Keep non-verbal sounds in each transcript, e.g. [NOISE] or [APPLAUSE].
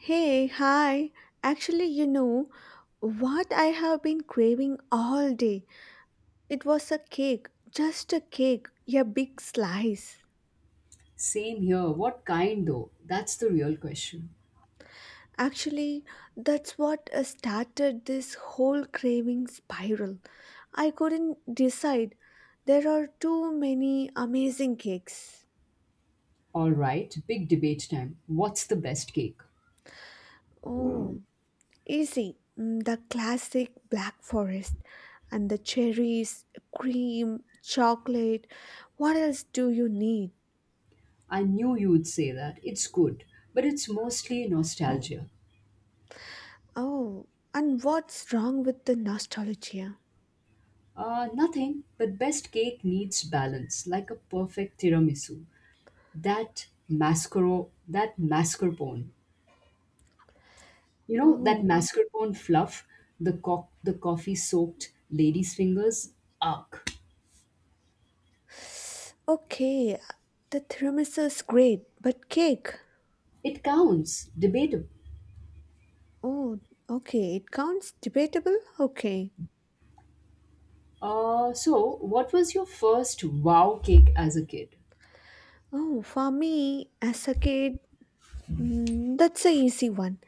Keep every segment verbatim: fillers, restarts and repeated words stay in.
Hey, hi. Actually, you know what I have been craving all day? It was a cake, just a cake, a big slice. Same here. What kind though? That's the real question. Actually, that's what uh, started this whole craving spiral. I couldn't decide. There are too many amazing cakes. All right, big debate time. What's the best cake? Oh, easy. Mm, The classic black forest and the cherries, cream, chocolate. What else do you need? I knew you would say that. It's good, but it's mostly nostalgia. Oh, and what's wrong with the nostalgia? Uh, nothing, but best cake needs balance, like a perfect tiramisu. That mascaro, that mascarpone. You know, that Oh, mascarpone fluff, the, co- the coffee soaked lady's fingers? Ugh. okay. The tiramisu is great, but cake. It counts. Debatable. Oh, okay. It counts debatable? Okay. Uh, so, what was your first wow cake as a kid? Oh, for me, as a kid, mm, that's a easy one.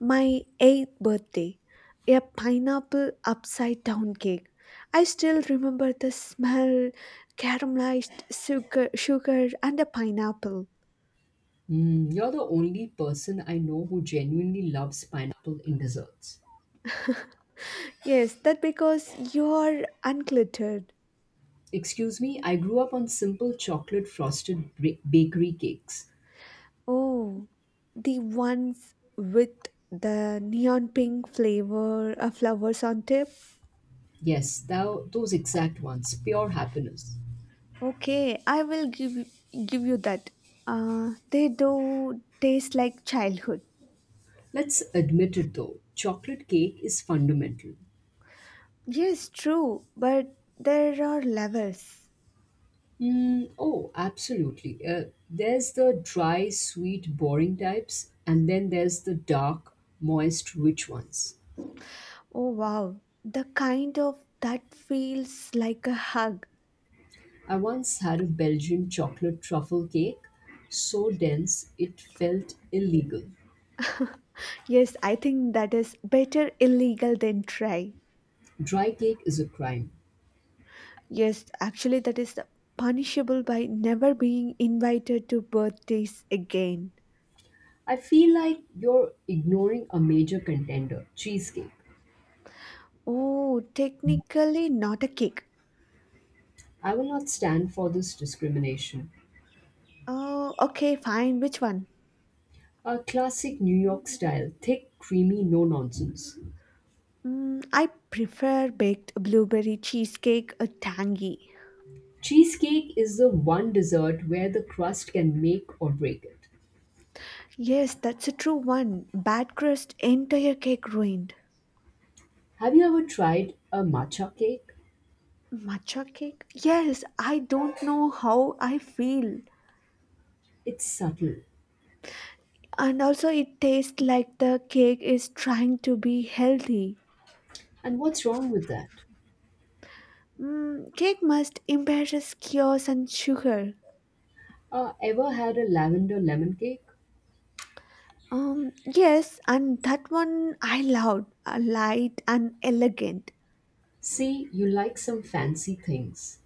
My eighth birthday, a pineapple upside down cake. I still remember the smell, caramelized sugar, sugar and a pineapple. Hmm, you're the only person I know who genuinely loves pineapple in desserts. Yes, that because you're uncluttered. Excuse me, I grew up on simple chocolate frosted bra- bakery cakes. Oh, the ones with the neon pink flavor uh, flowers on tip. Yes, thou, those exact ones, pure happiness. Okay, I will give you- give you that. Uh, they do taste like childhood. Let's admit it though, chocolate cake is fundamental. Yes, true, but there are levels. Mm, oh, absolutely. Uh, there's the dry, sweet, boring types, and then there's the dark, moist, rich ones. Oh wow, the kind of that feels like a hug. I once had a Belgian chocolate truffle cake so dense it felt illegal. Yes, I think that is better illegal than try. Dry cake is a crime. Yes, actually, that is punishable by never being invited to birthdays again. I feel like you're ignoring a major contender, cheesecake. Oh, technically not a cake. I will not stand for this discrimination. Oh, okay, fine. Which one? A classic New York style, thick, creamy, no nonsense. Mm, I prefer baked blueberry cheesecake, a tangy. Cheesecake is the one dessert where the crust can make or break it. Yes, that's a true one. Bad crust, entire cake ruined. Have you ever tried a matcha cake? Matcha cake? Yes, I don't know how I feel. It's subtle. And also, it tastes like the cake is trying to be healthy. And what's wrong with that? Mm, cake must embarrass chaos and sugar. Uh, ever had a lavender lemon cake? Um, yes, and that one I loved, uh, light and elegant. See, you like some fancy things.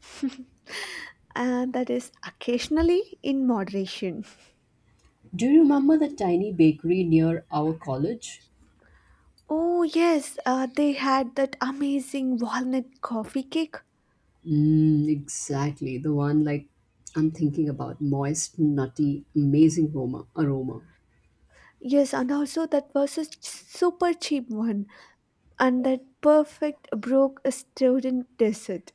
Uh, that is occasionally in moderation. Do you remember the tiny bakery near our college? Oh yes, uh, they had that amazing walnut coffee cake. Mm, exactly, the one like I'm thinking about. Moist, nutty, amazing aroma. aroma. Yes, and also that was a ch- super cheap one, and that perfect broke a student dessert.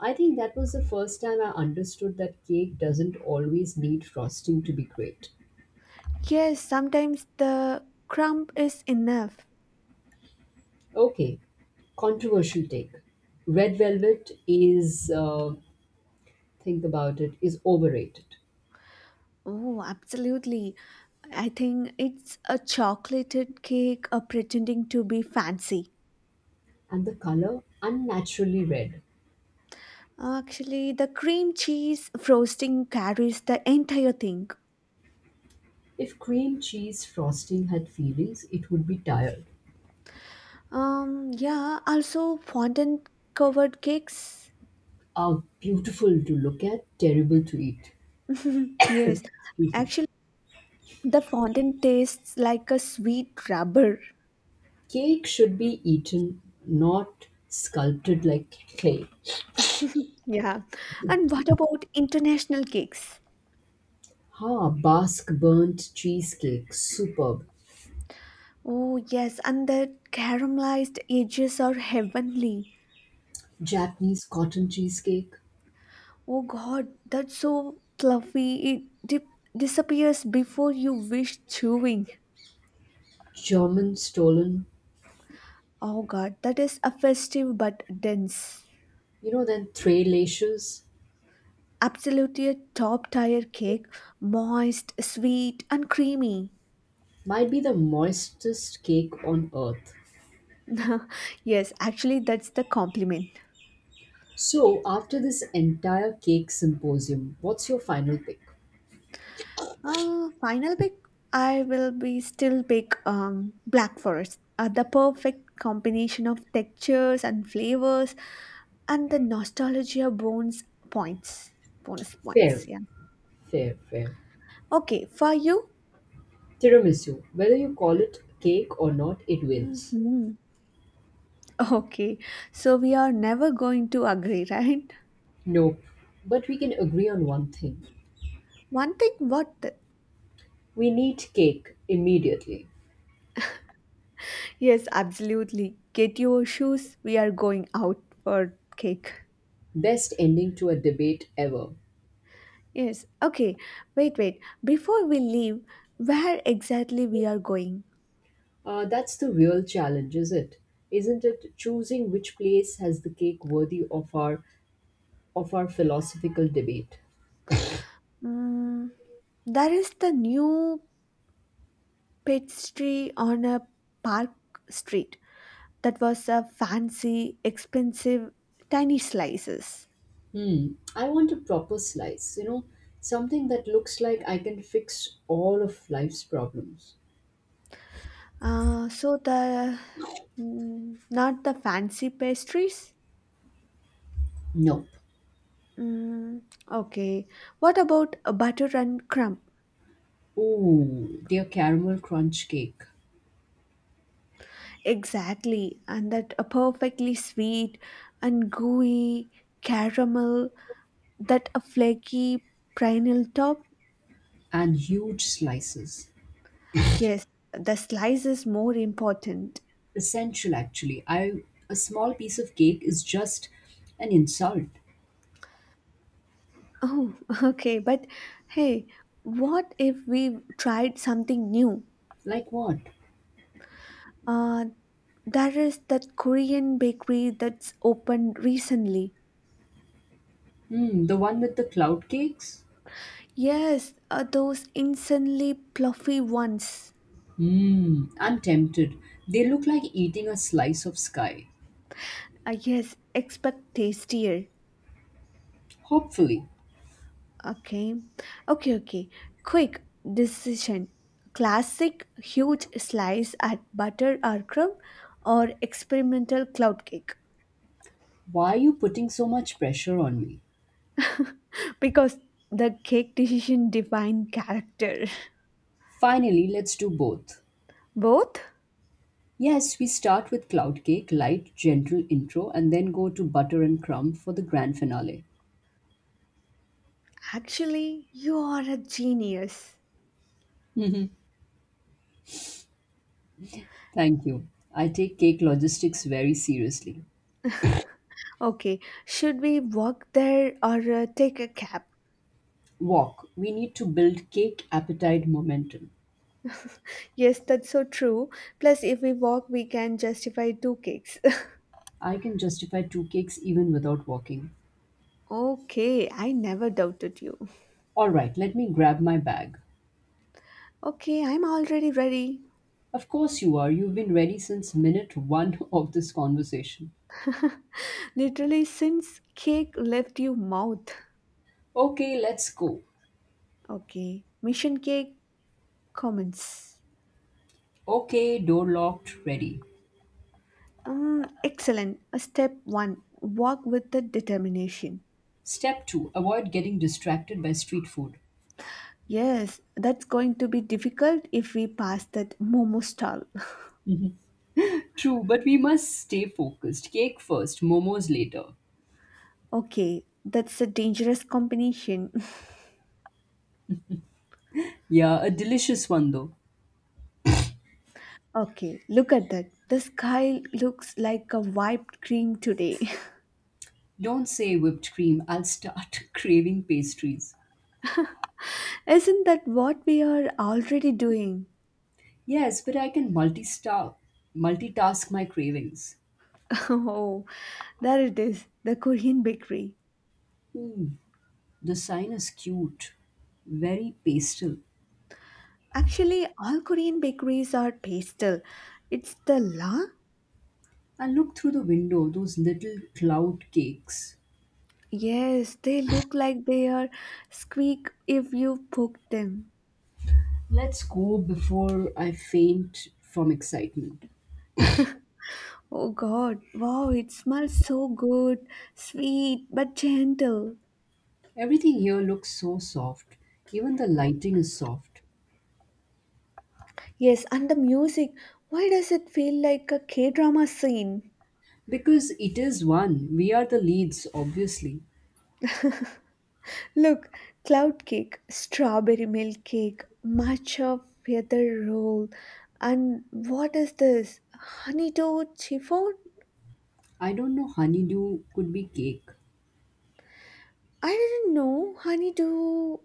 I think that was the first time I understood that cake doesn't always need frosting to be great. Yes, sometimes the crumb is enough. Okay, controversial take. Red velvet is, uh, think about it, is overrated. Oh, absolutely. I think it's a chocolated cake uh, pretending to be fancy. And the color unnaturally red. Actually, the cream cheese frosting carries the entire thing. If cream cheese frosting had feelings, it would be tired. Um, yeah, also fondant covered cakes. Ah, beautiful to look at, terrible to eat. Yes, [LAUGHS] Excuse me. actually, the fondant tastes like a sweet rubber. Cake should be eaten, not sculpted like clay. Yeah, and what about international cakes? Ah, Basque burnt cheesecake, superb. Oh, yes, and the caramelized edges are heavenly. Japanese cotton cheesecake, Oh god, that's so fluffy. It dip- disappears before you wish chewing. German stolen, Oh god, that is a festive but dense. you know, then three lashes Absolutely a top tier cake, moist, sweet, and creamy. might be the moistest cake on earth. [LAUGHS] yes, actually, that's the compliment. So, after this entire cake symposium, what's your final pick? Uh, final pick, I will be still pick um, Black Forest. Uh, the perfect combination of textures and flavors and the nostalgia bonus points bonus points Fair, yeah. fair, fair. Okay, for you? Tiramisu, whether you call it cake or not, it wins. Hmm, okay, so we are never going to agree. [LAUGHS] Right. Nope. But we can agree on one thing, One thing? what the- we need cake immediately. Yes, absolutely, get your shoes, we are going out for cake. Best ending to a debate ever. Yes, okay. Wait, wait, before we leave, where exactly we are going? Uh, that's the real challenge, is it? Isn't it choosing which place has the cake worthy of our of our philosophical debate? mm, there is the new pastry on a park street that was a fancy, expensive, tiny slices. Hmm. I want a proper slice, you know, something that looks like I can fix all of life's problems. Uh, so the mm, not the fancy pastries. Nope. Mm, okay. What about a butter and crumb? Ooh, dear caramel crunch cake Exactly, and that a perfectly sweet and gooey caramel, that a flaky pineapple top. and huge slices. Yes, the slice is more important. Essential, actually. I A small piece of cake is just an insult. Oh, [LAUGHS] okay. But hey, what if we tried something new? Like what? Uh, there is that Korean bakery that's opened recently. Hmm. The one with the cloud cakes. Yes, uh, those insanely fluffy ones. Hmm. I'm tempted. They look like eating a slice of sky. Uh, yes, expect tastier. Hopefully. Okay. Okay, okay. Quick decision. Classic huge slice at butter or crumb or experimental cloud cake. Why are you putting so much pressure on me? Because the cake decision defined character. Finally, let's do both. Both? Yes, we start with cloud cake, light, gentle intro, and then go to butter and crumb for the grand finale. Actually, you are a genius. Thank you. I take cake logistics very seriously. Okay, should we walk there or uh, take a cab? Walk. We need to build cake appetite momentum. Yes, that's so true. Plus, if we walk, we can justify two cakes. I can justify two cakes even without walking. [LAUGHS] okay, I never doubted you. All right, let me grab my bag. Okay, I'm already ready. Of course you are. You've been ready since minute one [LAUGHS] of this conversation. Literally, since cake left your mouth. Okay, let's go. Okay, mission cake commence. Okay, door locked, ready. Uh, excellent. Uh, Step one, walk with the determination. Step two, avoid getting distracted by street food. Yes, that's going to be difficult if we pass that momo stall. [LAUGHS] True, but we must stay focused. Cake first, momos later. Okay, that's a dangerous combination. [LAUGHS] Yeah, a delicious one though. Okay, look at that. The sky looks like a wiped cream today. Don't say whipped cream, I'll start [LAUGHS] craving pastries. [LAUGHS] Isn't that what we are already doing? Yes, but I can multista- multitask my cravings. [LAUGHS] Oh, there it is, the Korean bakery. Ooh, the sign is cute, very pastel. Actually, all Korean bakeries are pastel. It's the la And look through the window, those little cloud cakes. Yes, they look like they are squeak if you poke them. Let's go before I faint from excitement. Oh god, wow, it smells so good, sweet but gentle. Everything here looks so soft. Even the lighting is soft. Yes, and the music, why does it feel like a K drama scene? Because it is one. We are the leads, obviously. Look, cloud cake, strawberry milk cake, matcha feather roll, and what is this? Honeydew chiffon? I don't know, honeydew could be cake. I didn't know honeydew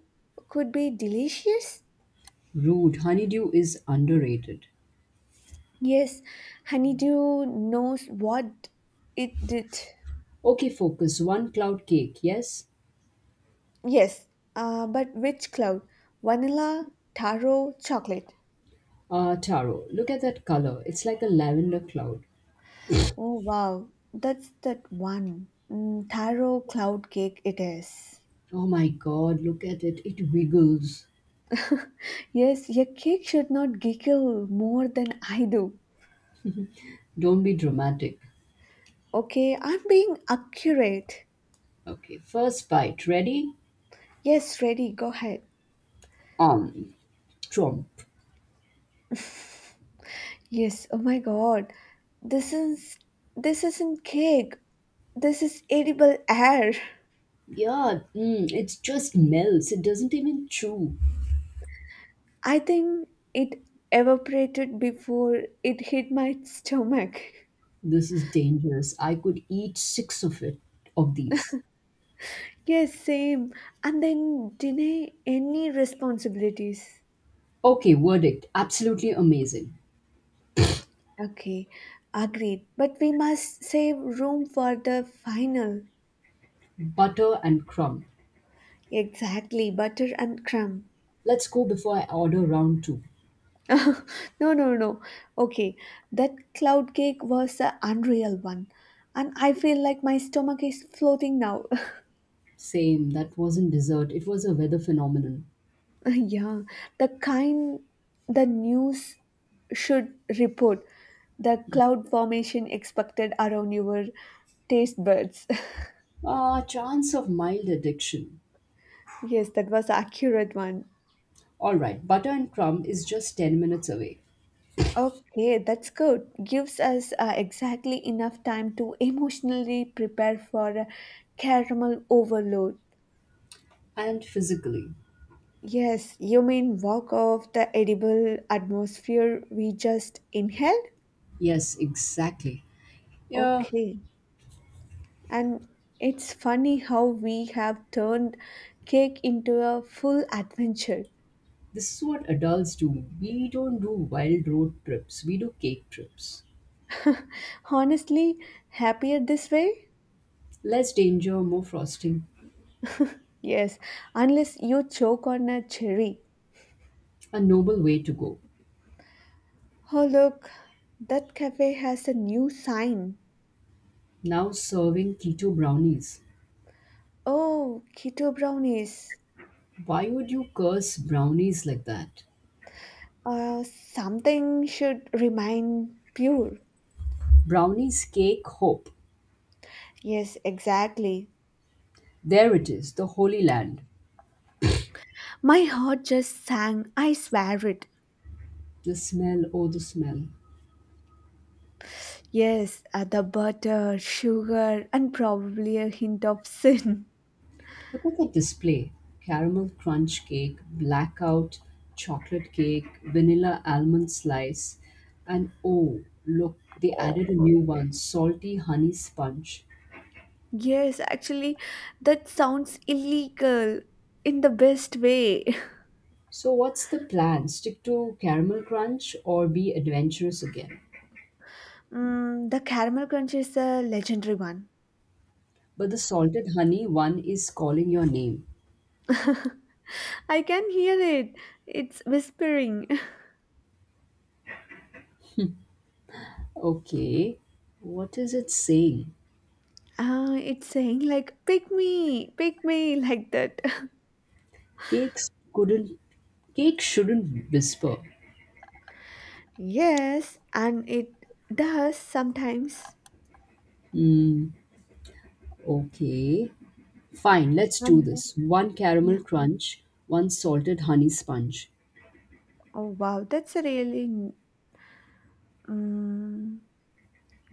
could be delicious. Rude. Honeydew is underrated. Yes, Honeydew knows what it did. Okay, focus. One cloud cake, yes? Yes, uh, but which cloud? Vanilla, taro, chocolate. Uh, Taro, look at that color. It's like a lavender cloud. Oh wow, that's that one. Mm, taro cloud cake it is. Oh my god, look at it. It wiggles. Yes, your cake should not giggle more than I do. Don't be dramatic. Okay, I'm being accurate. Okay, first bite. Ready? Yes, ready, go ahead. Um, Trump. Yes, oh my god. This is this isn't cake. This is edible air. [LAUGHS] Yeah, mm, it just melts. It doesn't even chew. I think it evaporated before it hit my stomach. This is dangerous. I could eat six of it of these. [LAUGHS] yes, same. And then deny any responsibilities. Okay, verdict. Absolutely amazing. Okay, agreed. But we must save room for the final. Butter and crumb. Exactly, butter and crumb. Let's go before I order round two. [LAUGHS] no, no, no. Okay, that cloud cake was the unreal one. And I feel like my stomach is floating now. [LAUGHS] Same, that wasn't dessert. It was a weather phenomenon. [LAUGHS] Yeah, the kind the news should report the cloud formation expected around your taste buds. Ah, chance of mild addiction. [LAUGHS] yes, that was accurate one. Alright, butter and crumb is just ten minutes away. Okay, that's good. Gives us uh, exactly enough time to emotionally prepare for a caramel overload. And physically. Yes, you mean walk off the edible atmosphere we just inhaled? Yes, exactly. Yeah, Okay. And it's funny how we have turned cake into a full adventure. this is what adults do. We don't do wild road trips, we do cake trips. Honestly, happier this way? Less danger, more frosting. Yes, unless you choke on a cherry. A noble way to go. Oh, look, that cafe has a new sign. Now serving keto brownies. Oh, keto brownies. Why would you curse brownies like that? Uh, something should remain pure. Brownies cake hope. Yes, exactly. There it is, the holy land. My heart just sang, I swear it. The smell, oh, the smell. Yes, add the butter, sugar, and probably a hint of sin. Look at the display, caramel crunch cake, blackout chocolate cake, vanilla almond slice, and oh, look, they added a Oh, new one, salty honey sponge. yes, actually, that sounds illegal in the best way. [LAUGHS] So, what's the plan? Stick to caramel crunch or be adventurous again? Mm, the caramel crunch is a legendary one. But the salted honey one is calling your name. [LAUGHS] I can hear it. It's whispering. [LAUGHS] Okay. What is it saying? Uh, it's saying like, "Pick me, pick me," like that. [LAUGHS] Cakes couldn't Cake shouldn't whisper. Yes, and it does sometimes. Hmm. Okay. Fine, let's do And this. One caramel yeah, crunch, one salted honey sponge. oh wow, that's a really. Mm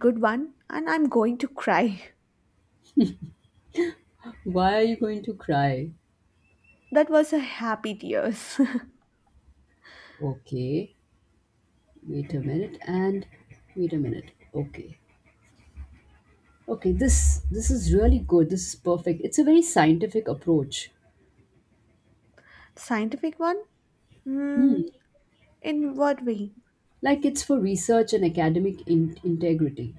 good one, and I'm going to cry. Why are you going to cry? [LAUGHS] That was a happy tears. Okay. Wait a minute and Wait a minute. Okay. Okay, this this is really good. This is perfect. It's a very scientific approach. [LAUGHS] Scientific one. Hmm. Hmm. In what way? Like it's for research and academic in- integrity.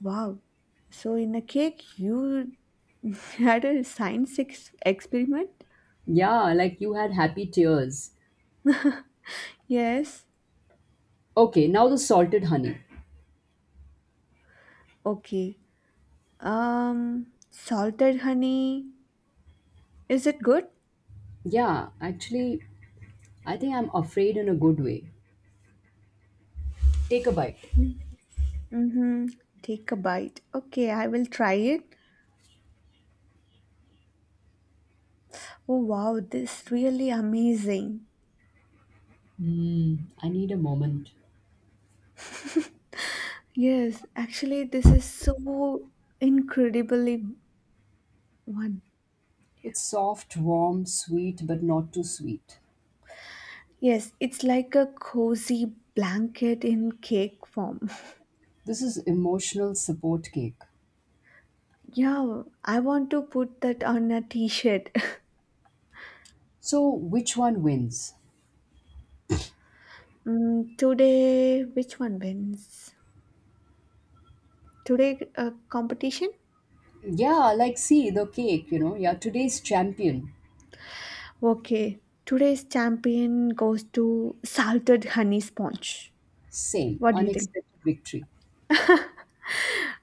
Wow, so in a cake you [LAUGHS] had a science ex- experiment. Yeah, like you had happy tears. Yes. Okay, now the salted honey. Okay, um salted honey, is it good? Yeah, actually, I think I'm afraid in a good way. Take a bite. Mm-hmm. Take a bite, okay, I will try it. Oh wow, this is really amazing. Hmm. I need a moment. Yes, actually, this is so incredibly one. It's soft, warm, sweet but not too sweet. Yes, it's like a cozy blanket in cake form. [LAUGHS] This is emotional support cake. Yeah, I want to put that on a t-shirt. [LAUGHS] So which one wins? Mm, today, which one wins? Today, uh, competition? Yeah, like see the cake, you know, yeah, today's champion. Okay, today's champion goes to salted honey sponge. Same. What do you think? Unexpected victory.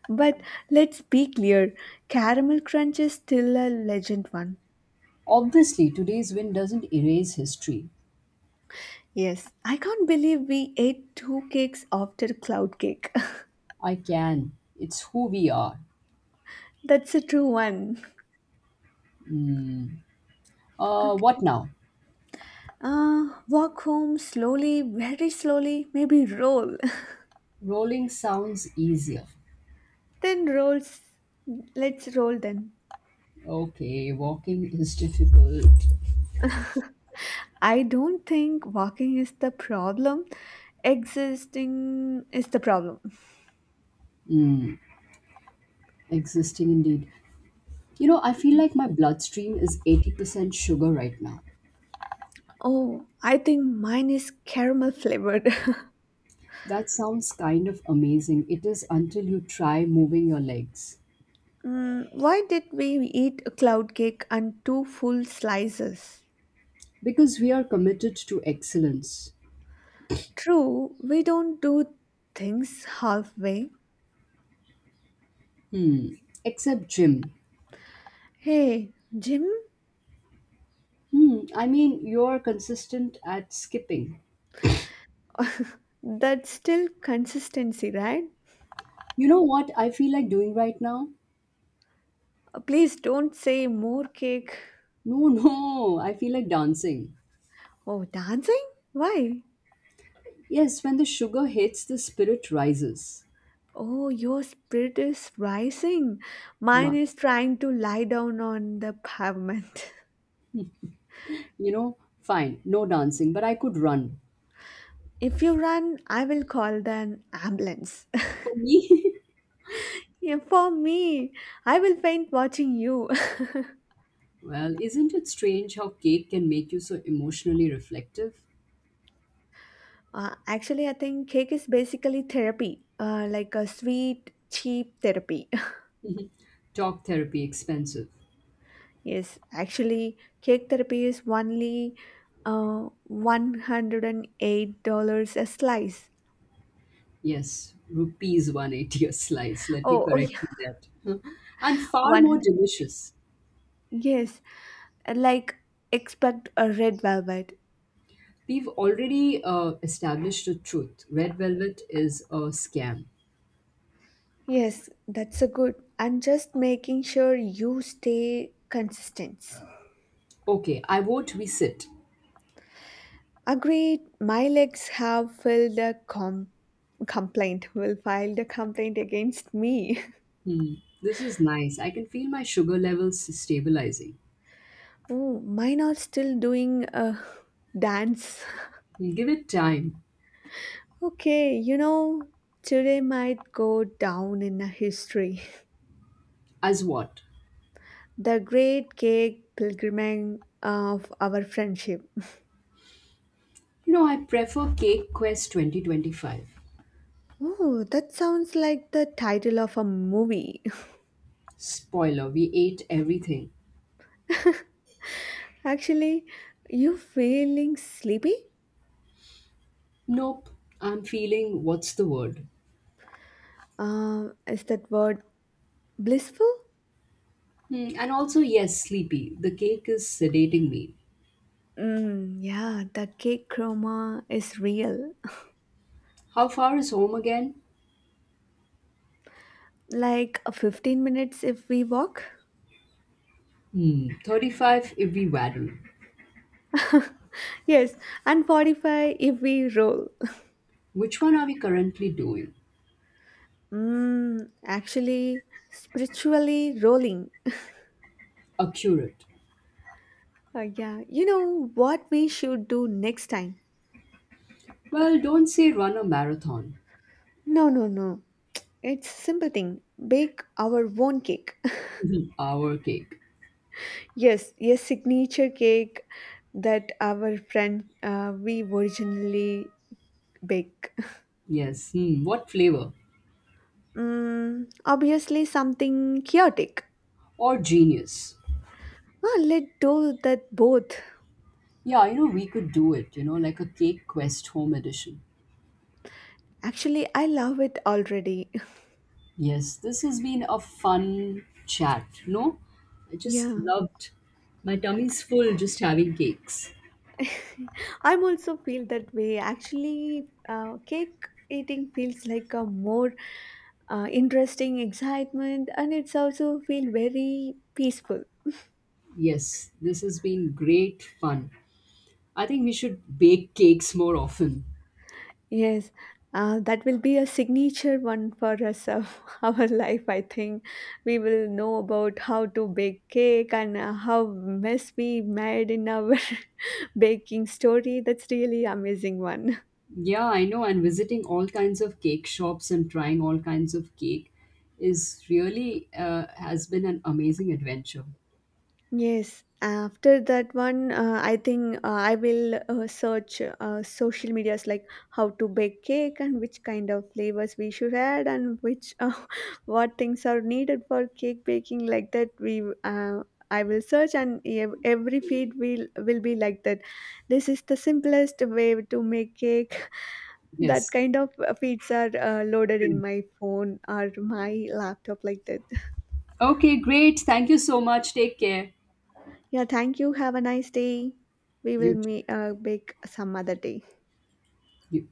But let's be clear, caramel crunch is still a legend one. Obviously today's win doesn't erase history. Yes, I can't believe we ate two cakes after cloud cake. I can. It's who we are. [LAUGHS] That's a true one. Uh, Okay. What now? Uh, walk home slowly, very slowly, maybe roll. Rolling sounds easier. [LAUGHS] Then rolls. Let's roll then. Okay, walking is difficult. I don't think walking is the problem. Existing is the problem. Mm, existing indeed. You know, I feel like my bloodstream is eighty percent sugar right now. Oh, I think mine is caramel flavored. [LAUGHS] That sounds kind of amazing. It is until you try moving your legs. Mm, why did we eat a cloud cake and two full slices? Because we are committed to excellence. True, we don't do things halfway. Hmm. Except gym. Hey, Jim, Hmm. I mean, you're consistent at skipping. that's still consistency, right? You know what I feel like doing right now? Uh, Please don't say more cake. No, no, I feel like dancing. Oh, dancing? Why? Yes, when the sugar hits, the spirit rises. Oh, your spirit is rising. Mine Ma- is trying to lie down on the pavement. you know, fine, no dancing, but I could run. [LAUGHS] If you run, I will call the ambulance. [LAUGHS] For me, Yeah, for me, I will faint watching you. [LAUGHS] [LAUGHS] well, isn't it strange how cake can make you so emotionally reflective? Uh, actually, I think cake is basically therapy, uh, like a sweet, cheap therapy. [LAUGHS] Talk therapy expensive. yes, actually, cake therapy is only uh, one hundred eight dollars a slice. Yes, rupees one eighty a slice. Let me Oh, oh yeah, correct you that. [LAUGHS] And [LAUGHS] far more one hundred. delicious. Yes, like expect a red velvet. We've already uh, established the truth. Red velvet is a scam. Yes, that's a good. And just making sure you stay consistent. Okay, I vote we sit. Agreed, my legs have filed a com- complaint, will file the complaint against me. [LAUGHS] Hmm, this is nice. I can feel my sugar levels stabilizing. Oh, mine are still doing a dance. We'll give it time. Okay, you know, today might go down in a history. As what? The great cake pilgrimage of our friendship. You know, I prefer Cake Quest twenty twenty-five. Oh, that sounds like the title of a movie. Spoiler, we ate everything. [LAUGHS] Actually, you feeling sleepy? Nope, I'm feeling, what's the word? Uh, is that word blissful? Hmm, and also, yes, sleepy. The cake is sedating me. Mm, yeah, the cake chroma is real. [LAUGHS] How far is home again? Like uh, fifteen minutes if we walk. Hmm, thirty-five if we waddle. Yes, and forty-five if we roll. [LAUGHS] Which one are we currently doing? Mm, actually, spiritually rolling. Accurate. Uh, yeah, you know what we should do next time? Well, don't say run a marathon. No, no, no. It's simple thing. Bake our own cake. [LAUGHS] Mhm. Our cake. [LAUGHS] yes, yes, signature cake that our friend uh, we originally bake. Yes. Hmm. What flavor? Mm, obviously something chaotic. Or genius. Ah, let's do that both. Yeah, you know, we could do it, you know, like a cake quest home edition. Actually, I love it already. Yes, this has been a fun chat. No, I [LAUGHS] just yeah, loved, my tummy's full just having cakes. I'm also feel that way. Actually, uh, cake eating feels like a more uh, interesting excitement, and it's also feel very peaceful. Yes, this has been great fun. I think we should bake cakes more often. Yes, uh, that will be a signature one for us of [LAUGHS] our life. I think we will know about how to bake cake and uh, how mess we made in our [LAUGHS] baking story. That's really amazing one. Yeah, I know, and visiting all kinds of cake shops and trying all kinds of cake is really uh, has been an amazing adventure. Yes, after that one, uh, I think uh, I will uh, search uh, social medias like how to bake cake and which kind of flavors we should add and which uh, [LAUGHS] what things are needed for cake baking like that. We uh, I will search and ev- every feed will will be like that. This is the simplest way to make cake. [LAUGHS] That Yes, kind of uh, feeds are uh, loaded in my phone or my laptop like that. okay, great. Thank you so much. Take care. Yeah, thank you. Have a nice day. We will You too. meet uh, back some other day. You-